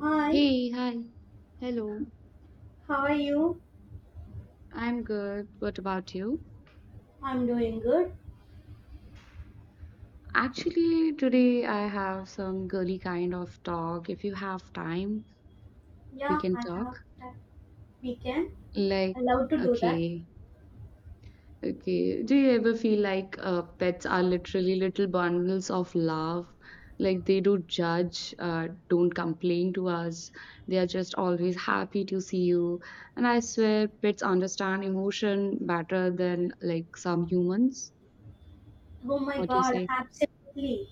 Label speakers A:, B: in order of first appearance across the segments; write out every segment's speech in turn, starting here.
A: Hi,
B: Hey, hi. Hello.
A: how are you?
B: I'm good. What about you?
A: I'm doing good.
B: Actually, today I have some girly kind of talk. If you have time, we
A: Yeah,
B: can
A: I
B: talk.
A: have that weekend.
B: Like,
A: I love to do that.
B: okay, okay. Do you ever feel like pets are literally little bundles of love? Like they don't judge, don't complain to us. They are just always happy to see you. And I swear, pets understand emotion better than like some humans.
A: Oh my
B: What do you
A: god,
B: say?
A: absolutely.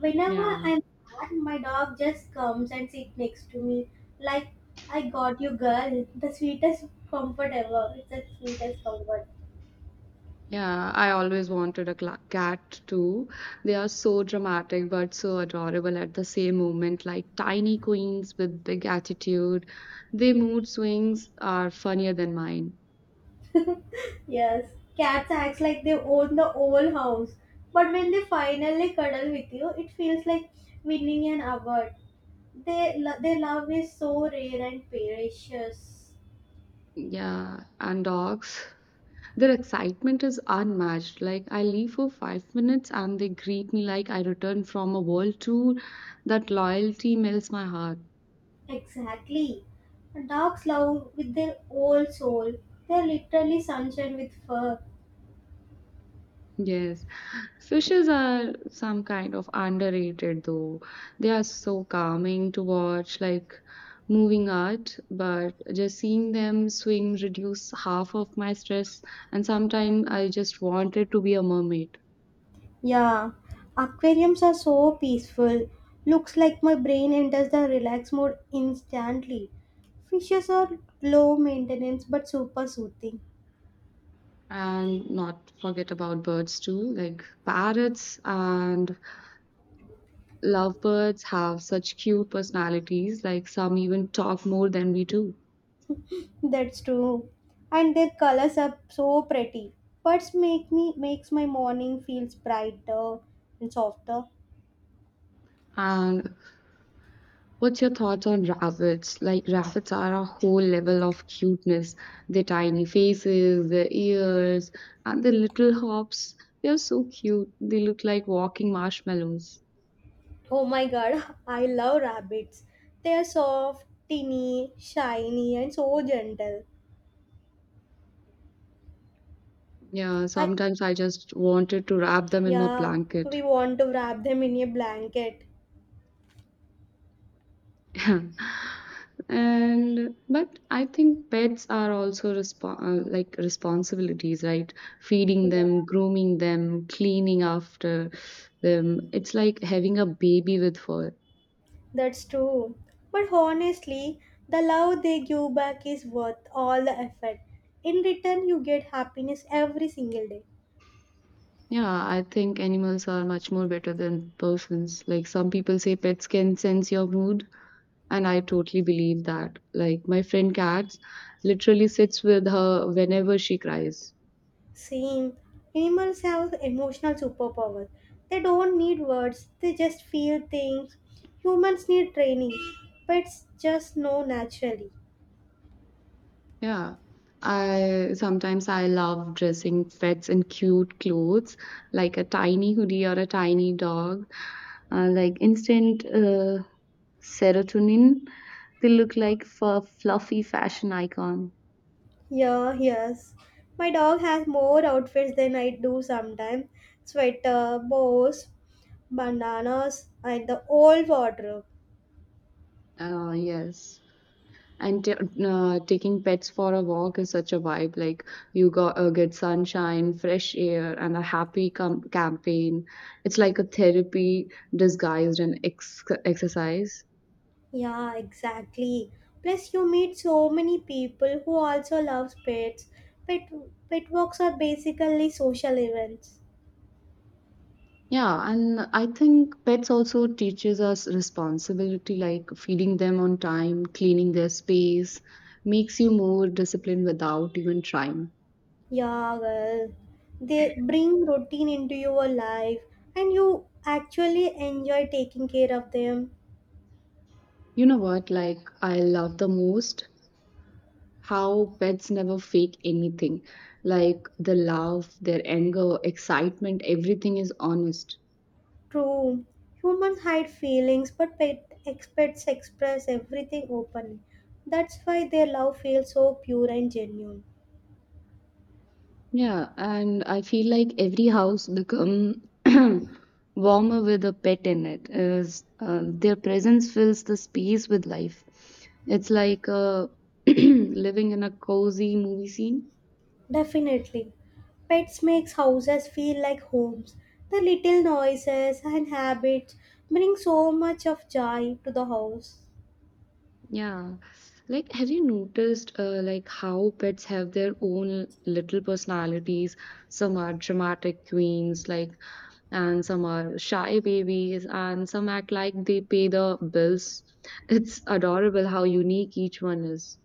A: Whenever
B: Yeah.
A: I'm sad, my dog just comes and sits next to me. Like, I got you, girl. The sweetest comfort ever. It's the sweetest comfort.
B: Yeah, I always wanted a cla cat too. They are so dramatic but so adorable at the same moment, like tiny queens with big attitude. Their mood swings are funnier than mine.
A: Yes, cats act like they own the whole house. But when they finally cuddle with you, it feels like winning an award. They, their love is so rare and precious.
B: Yeah, and dogs. Their excitement is unmatched. Like, I leave for 5 minutes and they greet me like I return from a world tour. That loyalty melts my heart.
A: Exactly. Dogs love with their whole soul. They're literally sunshine with fur.
B: Yes, fishes are some kind of underrated though. They are so calming to watch, like moving art, but just seeing them swim reduce half of my stress. And sometimes I just wanted to be a mermaid.
A: Yeah, aquariums are so peaceful. Looks like my brain enters the relax mode instantly. Fishes are low maintenance but super soothing.
B: And not forget about birds too, like parrots and lovebirds have such cute personalities, like some even talk more than we do.
A: That's true. And their colors are so pretty. Birds make me makes my morning feels brighter and softer.
B: And what's your thoughts on rabbits? Like, rabbits are a whole level of cuteness. Their tiny faces, their ears, and their little hops. They're so cute. They look like walking marshmallows.
A: Oh my god, I love rabbits. They are soft, teeny, shiny, and so gentle.
B: Yeah,
A: I
B: sometimes I just wanted to wrap them in a
A: yeah,
B: blanket.
A: we want to wrap them in a blanket.
B: And but I think pets are also like responsibilities, right? Feeding
A: Yeah,
B: them, grooming them, cleaning after them. It's like having a baby with fur.
A: that's true. But honestly, the love they give back is worth all the effort. In return, you get happiness every single day.
B: Yeah, I think animals are much more better than persons. Like some people say pets can sense your mood, and I totally believe that. Like my friend cat literally sits with her whenever she cries.
A: Same. Animals have emotional superpowers. They don't need words, they just feel things. Humans need training. Pets just know naturally.
B: Yeah. I sometimes I love dressing pets in cute clothes, like a tiny hoodie or a tiny dog. Like instant serotonin, they look like fluffy fashion icon.
A: Yeah, yes. My dog has more outfits than I do sometimes. Sweater, bows, bananas, and the whole wardrobe.
B: Yes. And taking pets for a walk is such a vibe. Like you got get sunshine, fresh air, and a happy campaign. It's like a therapy disguised in exercise.
A: Yeah, exactly. Plus, you meet so many people who also love pets. Pet, pet walks are basically social events.
B: Yeah, and I think pets also teaches us responsibility, like feeding them on time, cleaning their space, makes you more disciplined without even trying.
A: Yeah, well, they bring routine into your life and you actually enjoy taking care of them.
B: You know what? Like I love the most how pets never fake anything. Like the love, their anger, excitement, everything is honest.
A: True, humans hide feelings, but pet experts express everything openly. That's why their love feels so pure and genuine.
B: Yeah, and I feel like every house become warmer with a pet in it. Is their presence fills the space with life. It's like living in a cozy movie scene.
A: Definitely. Pets makes houses feel like homes. The little noises and habits bring so much of joy to the house.
B: Yeah. Like, have you noticed like how pets have their own little personalities? Some are dramatic queens, like, and some are shy babies, and some act like they pay the bills. It's adorable how unique each one is.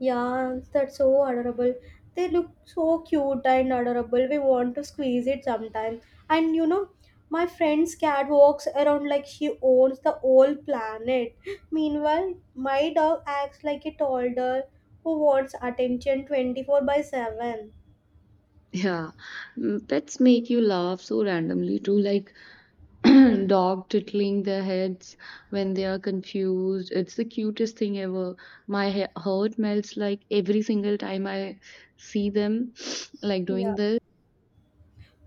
A: Yeah, that's so adorable. They look so cute and adorable. We want to squeeze it sometime. And you know, my friend's cat walks around like she owns the whole planet. Meanwhile, my dog acts like a toddler who wants attention 24/7.
B: Yeah. Pets make you laugh so randomly too. Like, dog tickling their heads when they are confused. It's the cutest thing ever. My heart melts like every single time I see them like
A: Yeah.
B: doing this.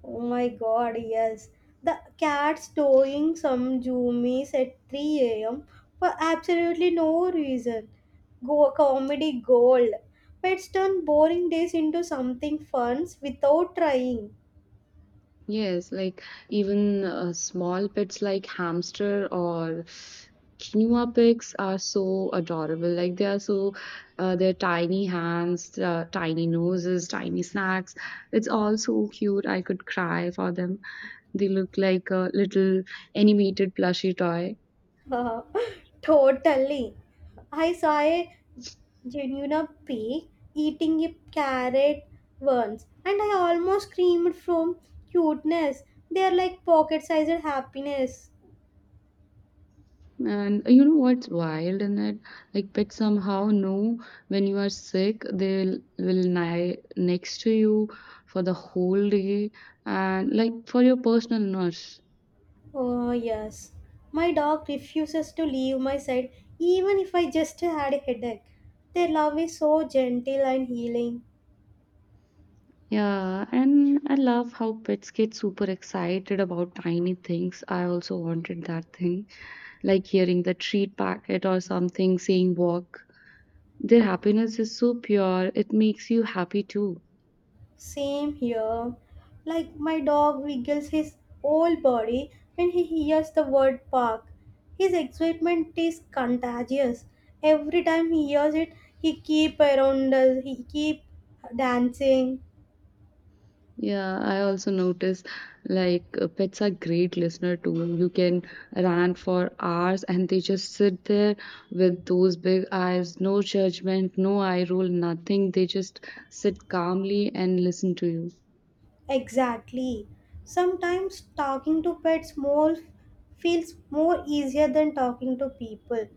A: Oh my god, yes. The cat's towing some zoomies at 3 a.m. for absolutely no reason. Go comedy gold. Pets turn boring days into something fun without trying.
B: Yes, like even small pets like hamster or quinoa pigs are so adorable. Like they are so, their tiny hands, tiny noses, tiny snacks. It's all so cute. I could cry for them. They look like a little animated plushy toy.
A: totally. I saw a genuine pig eating a carrot once and I almost screamed from cuteness. They are like pocket sized happiness.
B: And you know what's wild in that? Like pets somehow know when you are sick, they will lie next to you for the whole day and like for your personal nurse.
A: Oh, yes. My dog refuses to leave my side even if I just had a headache. Their love is so gentle and healing.
B: Yeah, and I love how pets get super excited about tiny things. I also wanted that thing, like hearing the treat packet or something saying walk. Their happiness is so pure, it makes you happy too.
A: Same here. Like my dog wiggles his whole body when he hears the word park. His excitement is contagious. Every time he hears it, he keep around us, he keep dancing.
B: Yeah, I also notice like pets are great listener too. You can rant for hours and they just sit there with those big eyes, no judgment, no eye roll, nothing. They just sit calmly and listen to you.
A: Exactly. Sometimes talking to pets more feels more easier than talking to people.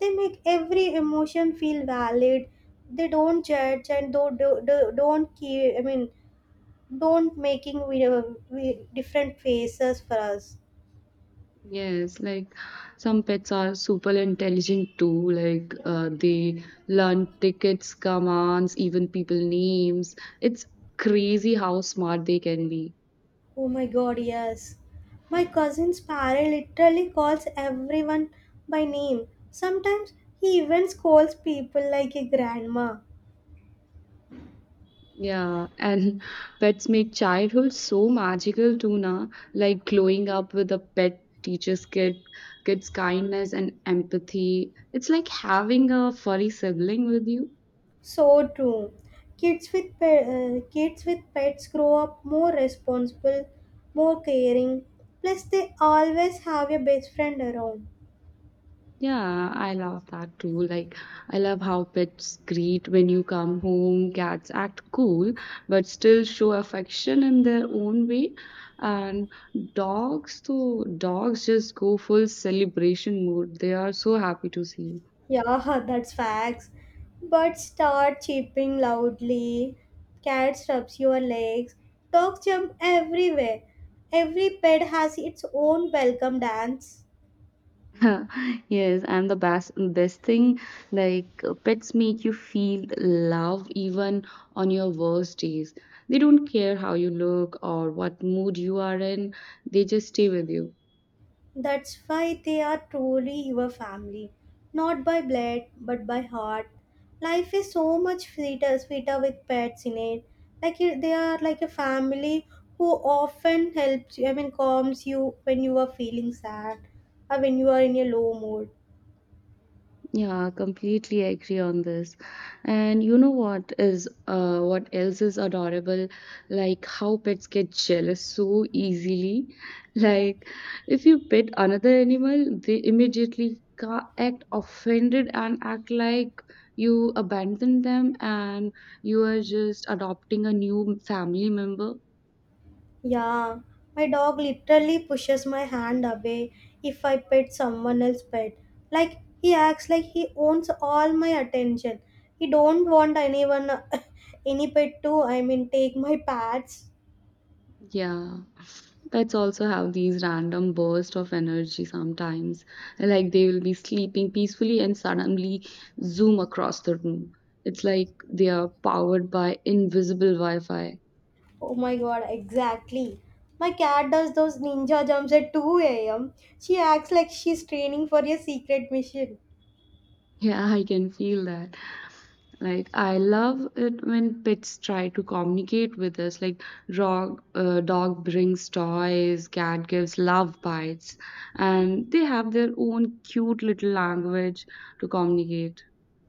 A: They make every emotion feel valid. They don't judge and don't do, do, don't keep. I mean, don't making we different faces for us.
B: Yes, like some pets are super intelligent too. Like they learn tickets, commands, even people names. It's crazy how smart they can be.
A: Oh my god, yes. My cousin's parent literally calls everyone by name. Sometimes he even scolds people like a grandma.
B: Yeah, and pets make childhood so magical too, na? Like growing up with a pet teaches kids kindness and empathy. It's like having a furry sibling with you.
A: So true. Kids with pets grow up more responsible, more caring. Plus, they always have a best friend around.
B: Yeah, I love that too. Like, I love how pets greet when you come home. Cats act cool, but still show affection in their own way. And dogs, though, dogs just go full celebration mode. They are so happy to see you.
A: Yeah, that's facts. But start chirping loudly. Cat rubs your legs. Dogs jump everywhere. Every pet has its own welcome dance.
B: Yes, and the best thing, like pets make you feel love even on your worst days. They don't care how you look or what mood you are in. They just stay with you.
A: That's why they are truly your family, not by blood but by heart. Life is so much sweeter with pets in it. Like you- they are like a family who often helps you. I mean, calms you when you are feeling sad or when you are in a low mood.
B: Yeah, completely agree on this. And you know what is what else is adorable? Like how pets get jealous so easily. Like if you pet another animal, they immediately act offended and act like you abandoned them and you are just adopting a new family member.
A: Yeah, my dog literally pushes my hand away if I pet someone else's pet. Like he acts like he owns all my attention. He don't want anyone any pet to I mean take my pets.
B: Yeah. Pets also have these random bursts of energy sometimes, like they will be sleeping peacefully and suddenly zoom across the room. It's like they are powered by invisible wi-fi.
A: Oh my god, exactly. My cat does those ninja jumps at 2 a.m. She acts like she's training for a secret mission.
B: Yeah, I can feel that. Like I love it when pets try to communicate with us, like dog brings toys, cat gives love bites, and they have their own cute little language to communicate.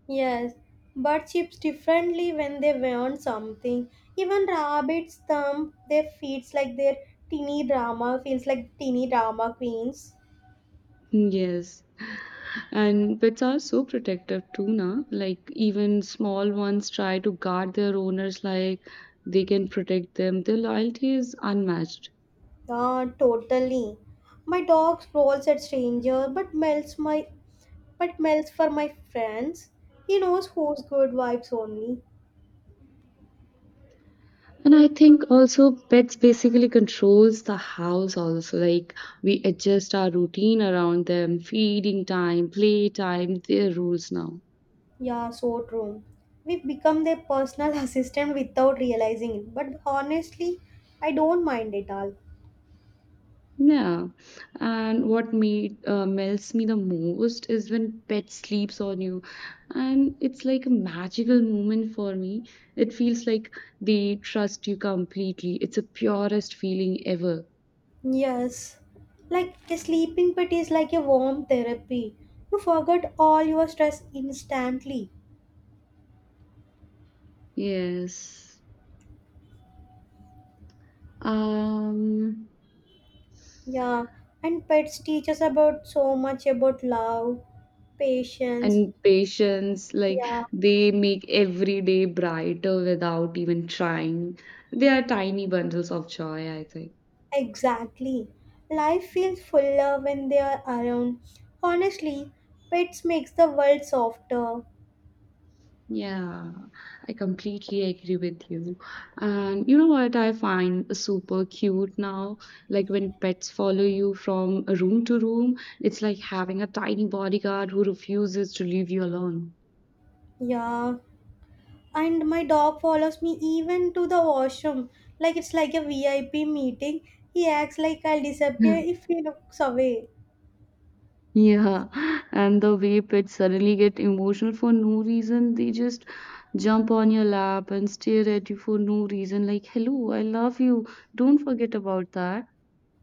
A: Yes, birds chirp differently when they want something. Even rabbits thump their feet like their teeny drama feels like teeny drama queens.
B: Yes. And pets are so protective too, na? Like even small ones try to guard their owners like they can protect them. Their loyalty is unmatched.
A: Ah, totally. My dog growls at stranger, but melts for my friends. He knows who's good vibes only.
B: And I think also pets basically controls the house also. Like we adjust our routine around them, feeding time, play time, their rules now.
A: Yeah, so true. We become their personal assistant without realizing it. But honestly, I don't mind it all.
B: Yeah, and what me melts me the most is when pet sleeps on you, and it's like a magical moment for me. It feels like they trust you completely. It's a purest feeling ever.
A: Yes, like a sleeping pit is like a warm therapy. You forget all your stress instantly.
B: Yes. Um,
A: Yeah, and pets teach us about so much about love, patience.
B: and patience, like
A: Yeah,
B: they make every day brighter without even trying. They are tiny bundles of joy, I think.
A: exactly. Life feels fuller when they are around. Honestly, pets makes the world softer.
B: Yeah, I completely agree with you. And you know what I find super cute now? Like when pets follow you from room to room, it's like having a tiny bodyguard who refuses to leave you alone.
A: Yeah, and my dog follows me even to the washroom like it's like a vip meeting. He acts like I'll disappear if he looks away.
B: Yeah, yeah. And the way pets suddenly get emotional for no reason, they just jump on your lap and stare at you for no reason, like, hello, I love you. Don't forget about that.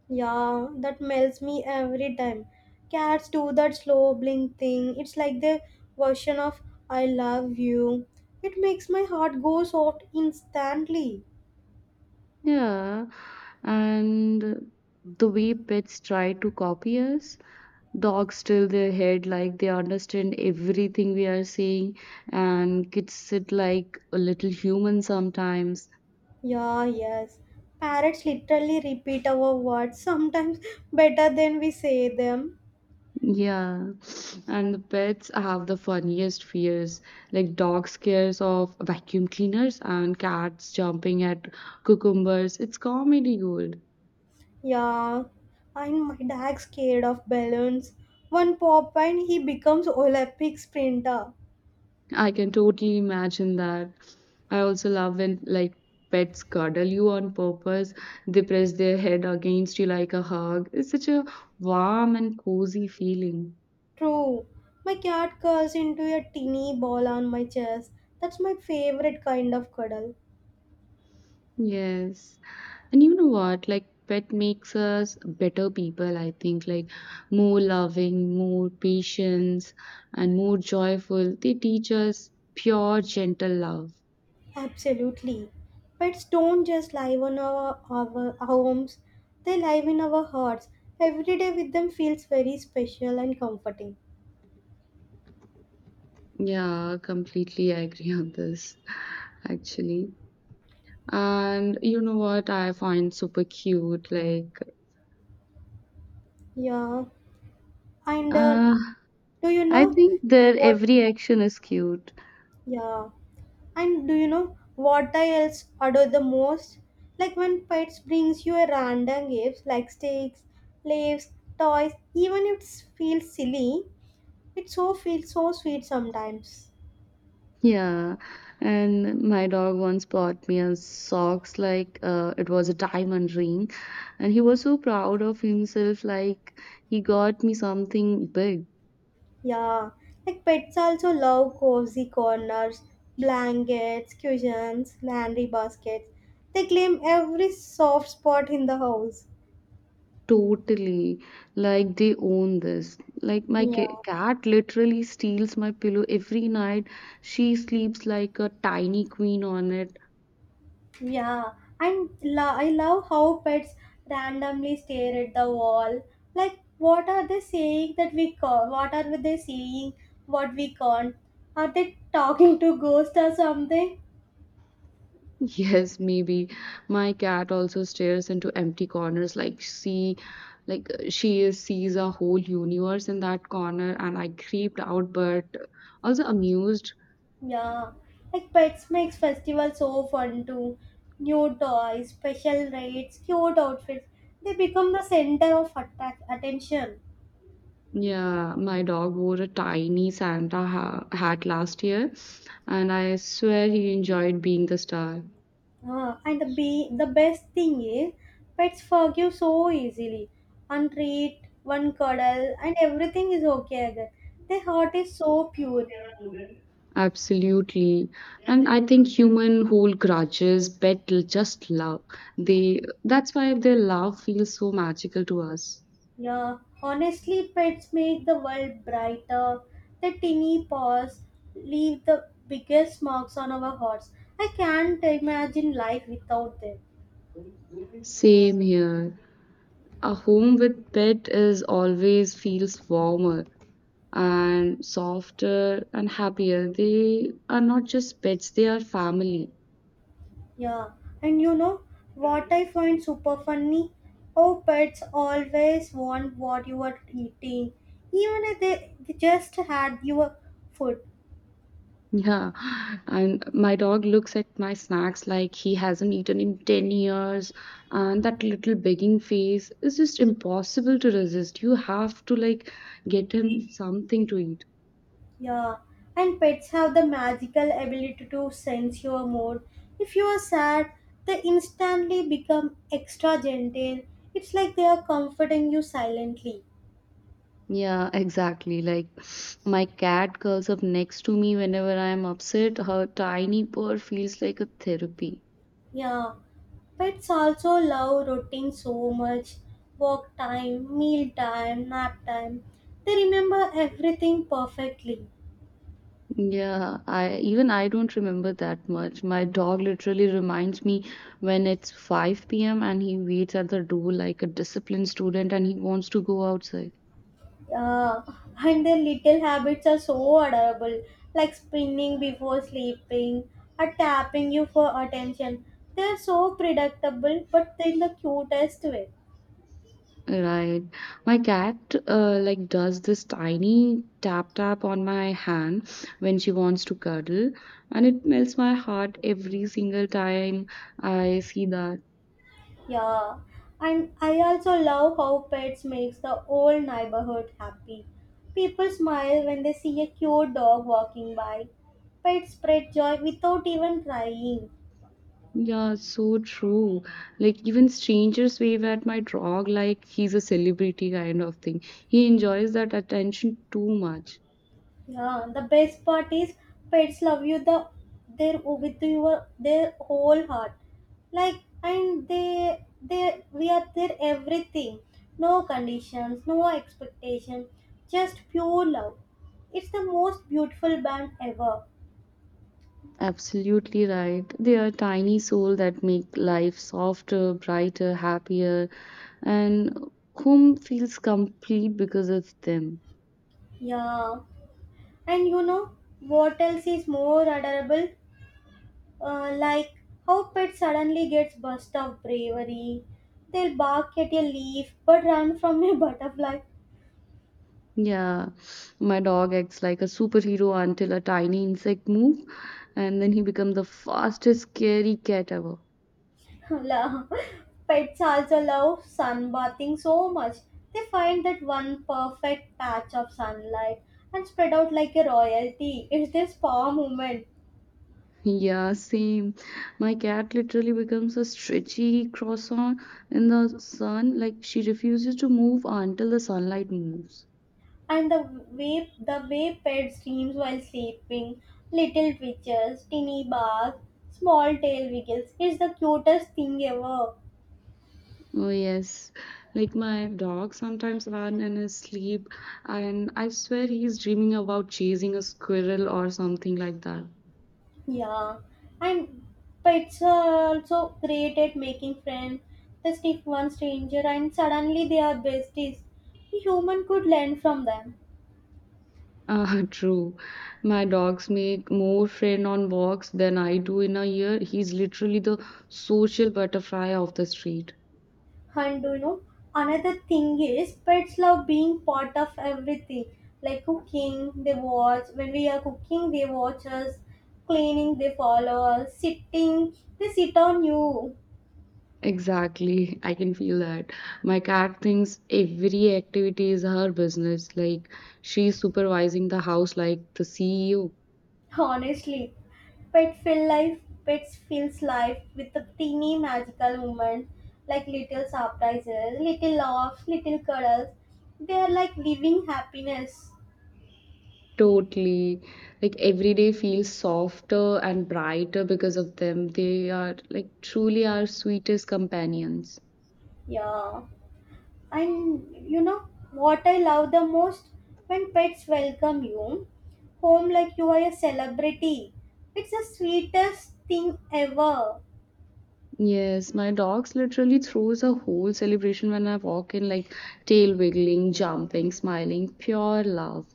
A: Yeah, that melts me every time. Cats do that slow blink thing. It's like the version of I love you. It makes my heart go soft instantly.
B: Yeah, and the way pets try to copy us, dogs tilt their head like they understand everything we are saying, and kids sit like a little human sometimes.
A: Yeah, yes, parrots literally repeat our words sometimes better than we say them.
B: Yeah, and the pets have the funniest fears, like dog scares of vacuum cleaners and cats jumping at cucumbers. It's comedy gold.
A: Yeah, and my dad's scared of balloons. One pop and he becomes Olympic sprinter.
B: I can totally imagine that. I also love when like pets cuddle you on purpose. They press their head against you like a hug. It's such a warm and cozy feeling.
A: True. My cat curls into a teeny ball on my chest. That's my favorite kind of cuddle.
B: Yes. And you know what? Like pet makes us better people, I think. Like more loving, more patience, and more joyful. They teach us pure, gentle love.
A: Absolutely. Pets don't just live on our homes, they live in our hearts. Every day with them feels very special and comforting.
B: Yeah, completely I agree on this, actually. And you know what I find super cute? Like,
A: Yeah. And
B: uh,
A: do you
B: I
A: know
B: think their
A: what?
B: every action is cute.
A: Yeah. And do you know what I else adore the most? Like when pets brings you a random gifts like sticks, leaves, toys, even if it feels silly, it so feels so sweet sometimes.
B: Yeah. And my dog once bought me a socks, like it was a diamond ring. And he was so proud of himself, like he got me something big.
A: Yeah. Like pets also love cozy corners, blankets, cushions, laundry baskets. They claim every soft spot in the house.
B: Totally. Like they own this. Like my
A: Yeah.
B: cat literally steals my pillow every night. She sleeps like a tiny queen on it.
A: Yeah, and I love how pets randomly stare at the wall. Like, what are they saying that we can't? What are they saying? What we can't? Are they talking to ghosts or something?
B: Yes, maybe. My cat also stares into empty corners like she like sees a whole universe in that corner and I creeped out but also amused.
A: Yeah, like pets makes festival so fun too. New toys, special raids, cute outfits. They become the center of attack attention.
B: Yeah, my dog wore a tiny Santa ha hat last year and I swear he enjoyed being the star.
A: Ah, and the best thing is pets forgive so easily. One treat, one cuddle, and everything is okay again. Their heart is so pure.
B: Absolutely. And I think human hold grudges, just love. They That's why their love feels so magical to us.
A: Yeah, honestly, pets make the world brighter. Their tiny paws leave the biggest marks on our hearts. I can't imagine life without them.
B: Same here. A home with pet is always feels warmer and softer and happier. They are not just pets, they are family.
A: Yeah, and you know what I find super funny? How pets always want what you are eating, even if they just had your food.
B: Yeah, and my dog looks at my snacks like he hasn't eaten in 10 years, and that little begging face is just impossible to resist. You have to like get him something to eat.
A: Yeah, and pets have the magical ability to sense your mood. If you are sad, they instantly become extra gentle. It's like they are comforting you silently.
B: Yeah, exactly. Like my cat curls up next to me whenever I am upset. Her tiny purr feels like a therapy.
A: Yeah, pets also love routine so much. Walk time, meal time, nap time. They remember everything perfectly.
B: Yeah, I even I don't remember that much. My dog literally reminds me when it's 5 p.m. and he waits at the door like a disciplined student and he wants to go outside.
A: Yeah, and their little habits are so adorable, like spinning before sleeping or tapping you for attention. They are so predictable, but in the cutest way.
B: Right. My cat like does this tiny tap tap on my hand when she wants to cuddle, and it melts my heart every single time I see that.
A: Yeah, and I also love how pets makes the whole neighborhood happy. People smile when they see a cute dog walking by. Pets spread joy without even trying.
B: Yeah, so true. Like even strangers wave at my dog like he's a celebrity kind of thing. He enjoys that attention too much.
A: Yeah, the best part is pets love you the their with your their whole heart. Like and they we are their everything. No conditions, no expectation, just pure love. It's the most beautiful band ever.
B: Absolutely right. They are tiny soul that make life softer, brighter, happier, and home feels complete because it's them.
A: Yeah, and you know what else is more adorable? Like how pet suddenly gets burst of bravery. They'll bark at a leaf but run from a butterfly.
B: Yeah, my dog acts like a superhero until a tiny insect move, and then he becomes the fastest scary cat ever.
A: La- Pets also love sunbathing so much. They find that one perfect patch of sunlight and spread out like a royalty. It's their spa moment.
B: Yeah, same. My cat literally becomes a stretchy croissant in the sun. Like she refuses to move until the sunlight moves.
A: And the way pets dreams while sleeping, little twitches, tinny barks, small tail wiggles. It's the cutest thing ever.
B: Oh, yes. Like my dog sometimes run in his sleep, and I swear he's dreaming about chasing a squirrel or something like that.
A: Yeah, and pets are also great at making friends. They sniff one stranger and suddenly they are besties. A human could learn from them.
B: Ah, true. My dogs make more friend on walks than I do in a year. He's literally the social butterfly of the street.
A: And you know, another thing is pets love being part of everything. Like cooking, they watch. When we are cooking, they watch us. Cleaning, they follow us. Sitting, they sit on you.
B: Exactly, I can feel that. My cat thinks every activity is her business. Like she's supervising the house like the CEO.
A: Honestly, pet feel life. Pets feels life with a teeny magical moment, like little surprises, little laughs, little cuddles. They are like living happiness.
B: Totally. Like every day feels softer and brighter because of them. They are like truly our sweetest companions.
A: Yeah. And you know what I love the most? When pets welcome you home like you are a celebrity. It's the sweetest thing ever.
B: Yes, my dogs literally throws a whole celebration when I walk in, like tail wiggling, jumping, smiling, pure love.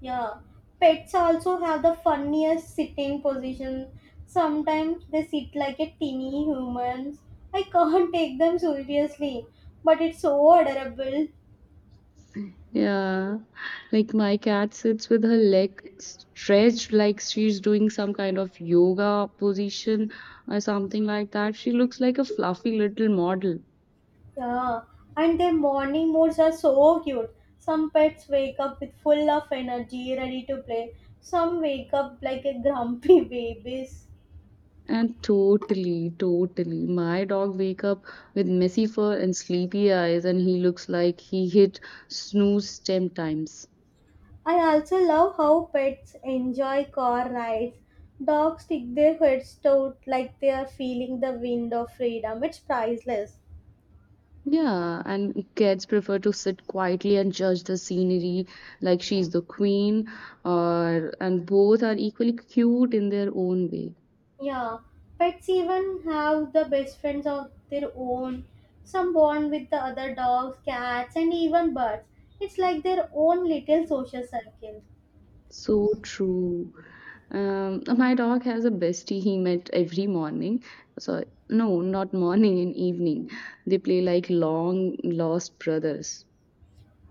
A: Yeah. Pets also have the funniest sitting position. Sometimes they sit like a teeny humans. I can't take them seriously, but it's so adorable.
B: Yeah. Like my cat sits with her leg stretched like she's doing some kind of yoga position or something like that. She looks like a fluffy little model.
A: Yeah, and their morning moods are so cute. Some pets wake up with full of energy, ready to play. Some wake up like a grumpy babies.
B: And totally, totally. My dog wake up with messy fur and sleepy eyes and he looks like he hit snooze 10 times.
A: I also love how pets enjoy car rides. Dogs stick their heads out like they are feeling the wind of freedom. It's priceless.
B: Yeah, and cats prefer to sit quietly and judge the scenery like she's the queen or and both are equally cute in their own way.
A: Yeah, pets even have the best friends of their own. Some bond with the other dogs, cats, and even birds. It's like their own little social circle.
B: So true. My dog has a bestie he met every morning. So no, not morning and evening. They play like long lost brothers.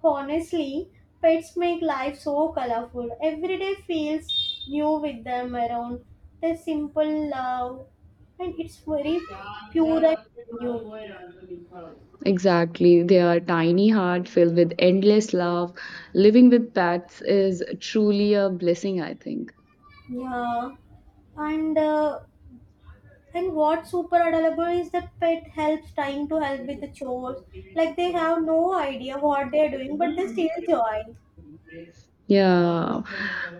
A: Honestly, pets make life so colorful. Every day feels new with them around. Their simple love, and it's very pure and genuine.
B: Exactly. They are tiny heart filled with endless love. Living with pets is truly a blessing, I think.
A: Yeah, and what's super adorable is that pet helps trying to help with the chores. Like they have no idea what they are doing, but they still join.
B: Yeah.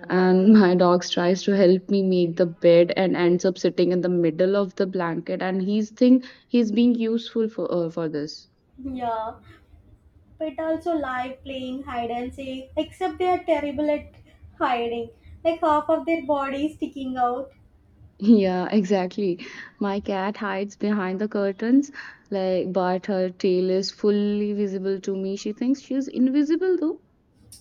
B: And my dog tries to help me make the bed and ends up sitting in the middle of the blanket and he's think he's being useful for this.
A: Yeah, pet also like playing hide and seek, except they are terrible at hiding. Like half of their body is sticking out.
B: Yeah, exactly. My cat hides behind the curtains, like but her tail is fully visible to me. She thinks she's invisible though.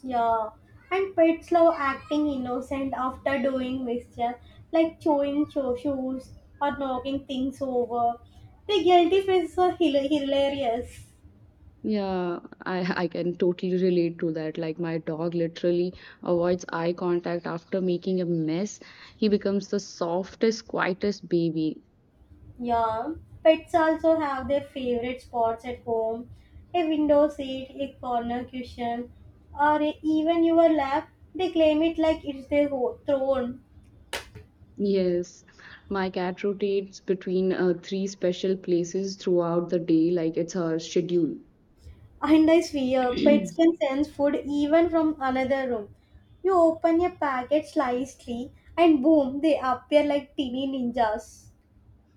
A: Yeah, and pets love acting innocent after doing mischief, like shoes or knocking things over. The guilty faces are hilarious.
B: Yeah, I can totally relate to that. Like my dog literally avoids eye contact after making a mess. He becomes the softest, quietest baby.
A: Yeah, pets also have their favorite spots at home, a window seat, a corner cushion, or even your lap. They claim it like it's their throne.
B: Yes, my cat rotates between three special places throughout the day, like it's her schedule.
A: And I swear, pets can sense food even from another room. You open a packet slightly, and boom, they appear like teeny ninjas.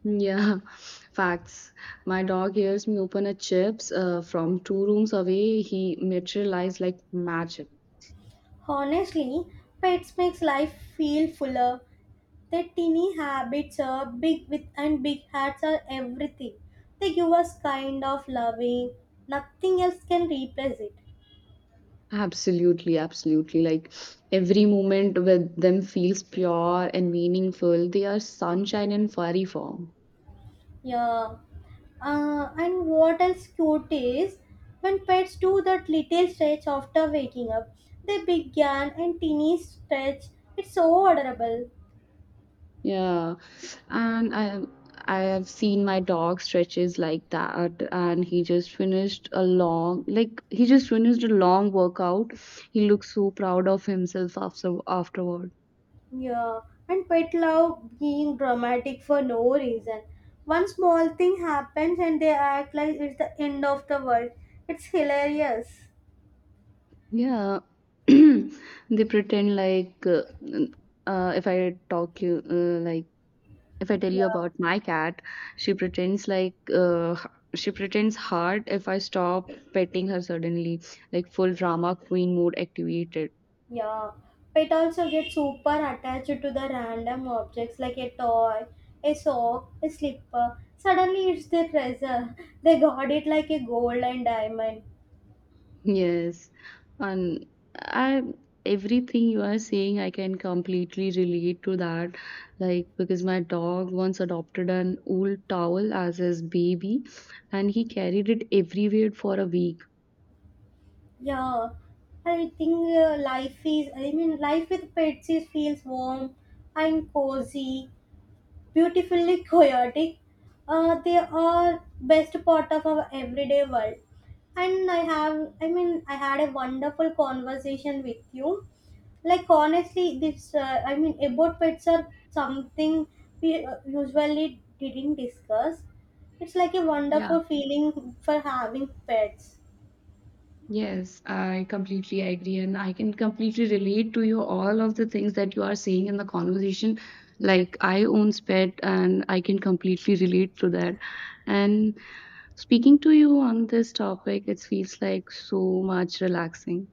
B: Yeah, facts. My dog hears me open a chips from two rooms away. He materialized like magic.
A: Honestly, pets makes life feel fuller. Their teeny habits are big with and big hats are everything. They give us kind of loving. Nothing else can replace it.
B: Absolutely, absolutely. Like every moment with them feels pure and meaningful. They are sunshine in furry form.
A: Yeah. And what else cute is when pets do that little stretch after waking up, they begin and teeny stretch. It's so adorable.
B: Yeah. And I have seen my dog stretches like that and he just finished a long workout. He looks so proud of himself after afterward.
A: Yeah, and pet love being dramatic for no reason. One small thing happens and they act like it's the end of the world. It's hilarious.
B: Yeah. They pretend like if I talk you like if I tell you
A: Yeah.
B: about my cat, she pretends like uh, she pretends hard if I stop petting her suddenly, like full drama queen mode activated.
A: Yeah, pet also get super attached to the random objects like a toy, a sock, a slipper. Suddenly it's their treasure. They got it like a gold and diamond.
B: Yes, and I everything you are saying, I can completely relate to that. Like because my dog once adopted an old towel as his baby, and he carried it everywhere for a week.
A: Yeah, I think life with pets is feels warm and cozy, beautifully chaotic. They are best part of our everyday world. And I have, I mean, I had a wonderful conversation with you, like honestly this about pets are something we usually didn't discuss. It's like a
B: Yeah.
A: wonderful feeling for having pets.
B: Yes, I completely agree, and I can completely relate to you all of the things that you are saying in the conversation. Like, I own pet, and I can completely relate to that. And speaking to you on this topic, it feels like so much relaxing.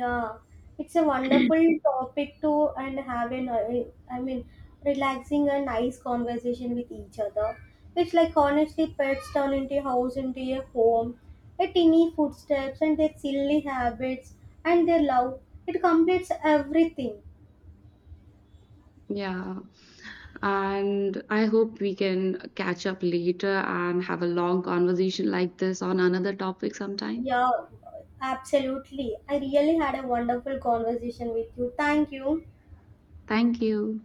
A: Yeah, it's a wonderful topic to and have an i mean relaxing and nice conversation with each other. It's like honestly pets turn into a house into a home, a tiny footsteps and their silly habits and their love, it completes everything.
B: Yeah, and I hope we can catch up later and have a long conversation like this on another topic sometime.
A: Yeah, absolutely. I really had a wonderful conversation with you. Thank you.
B: Thank you.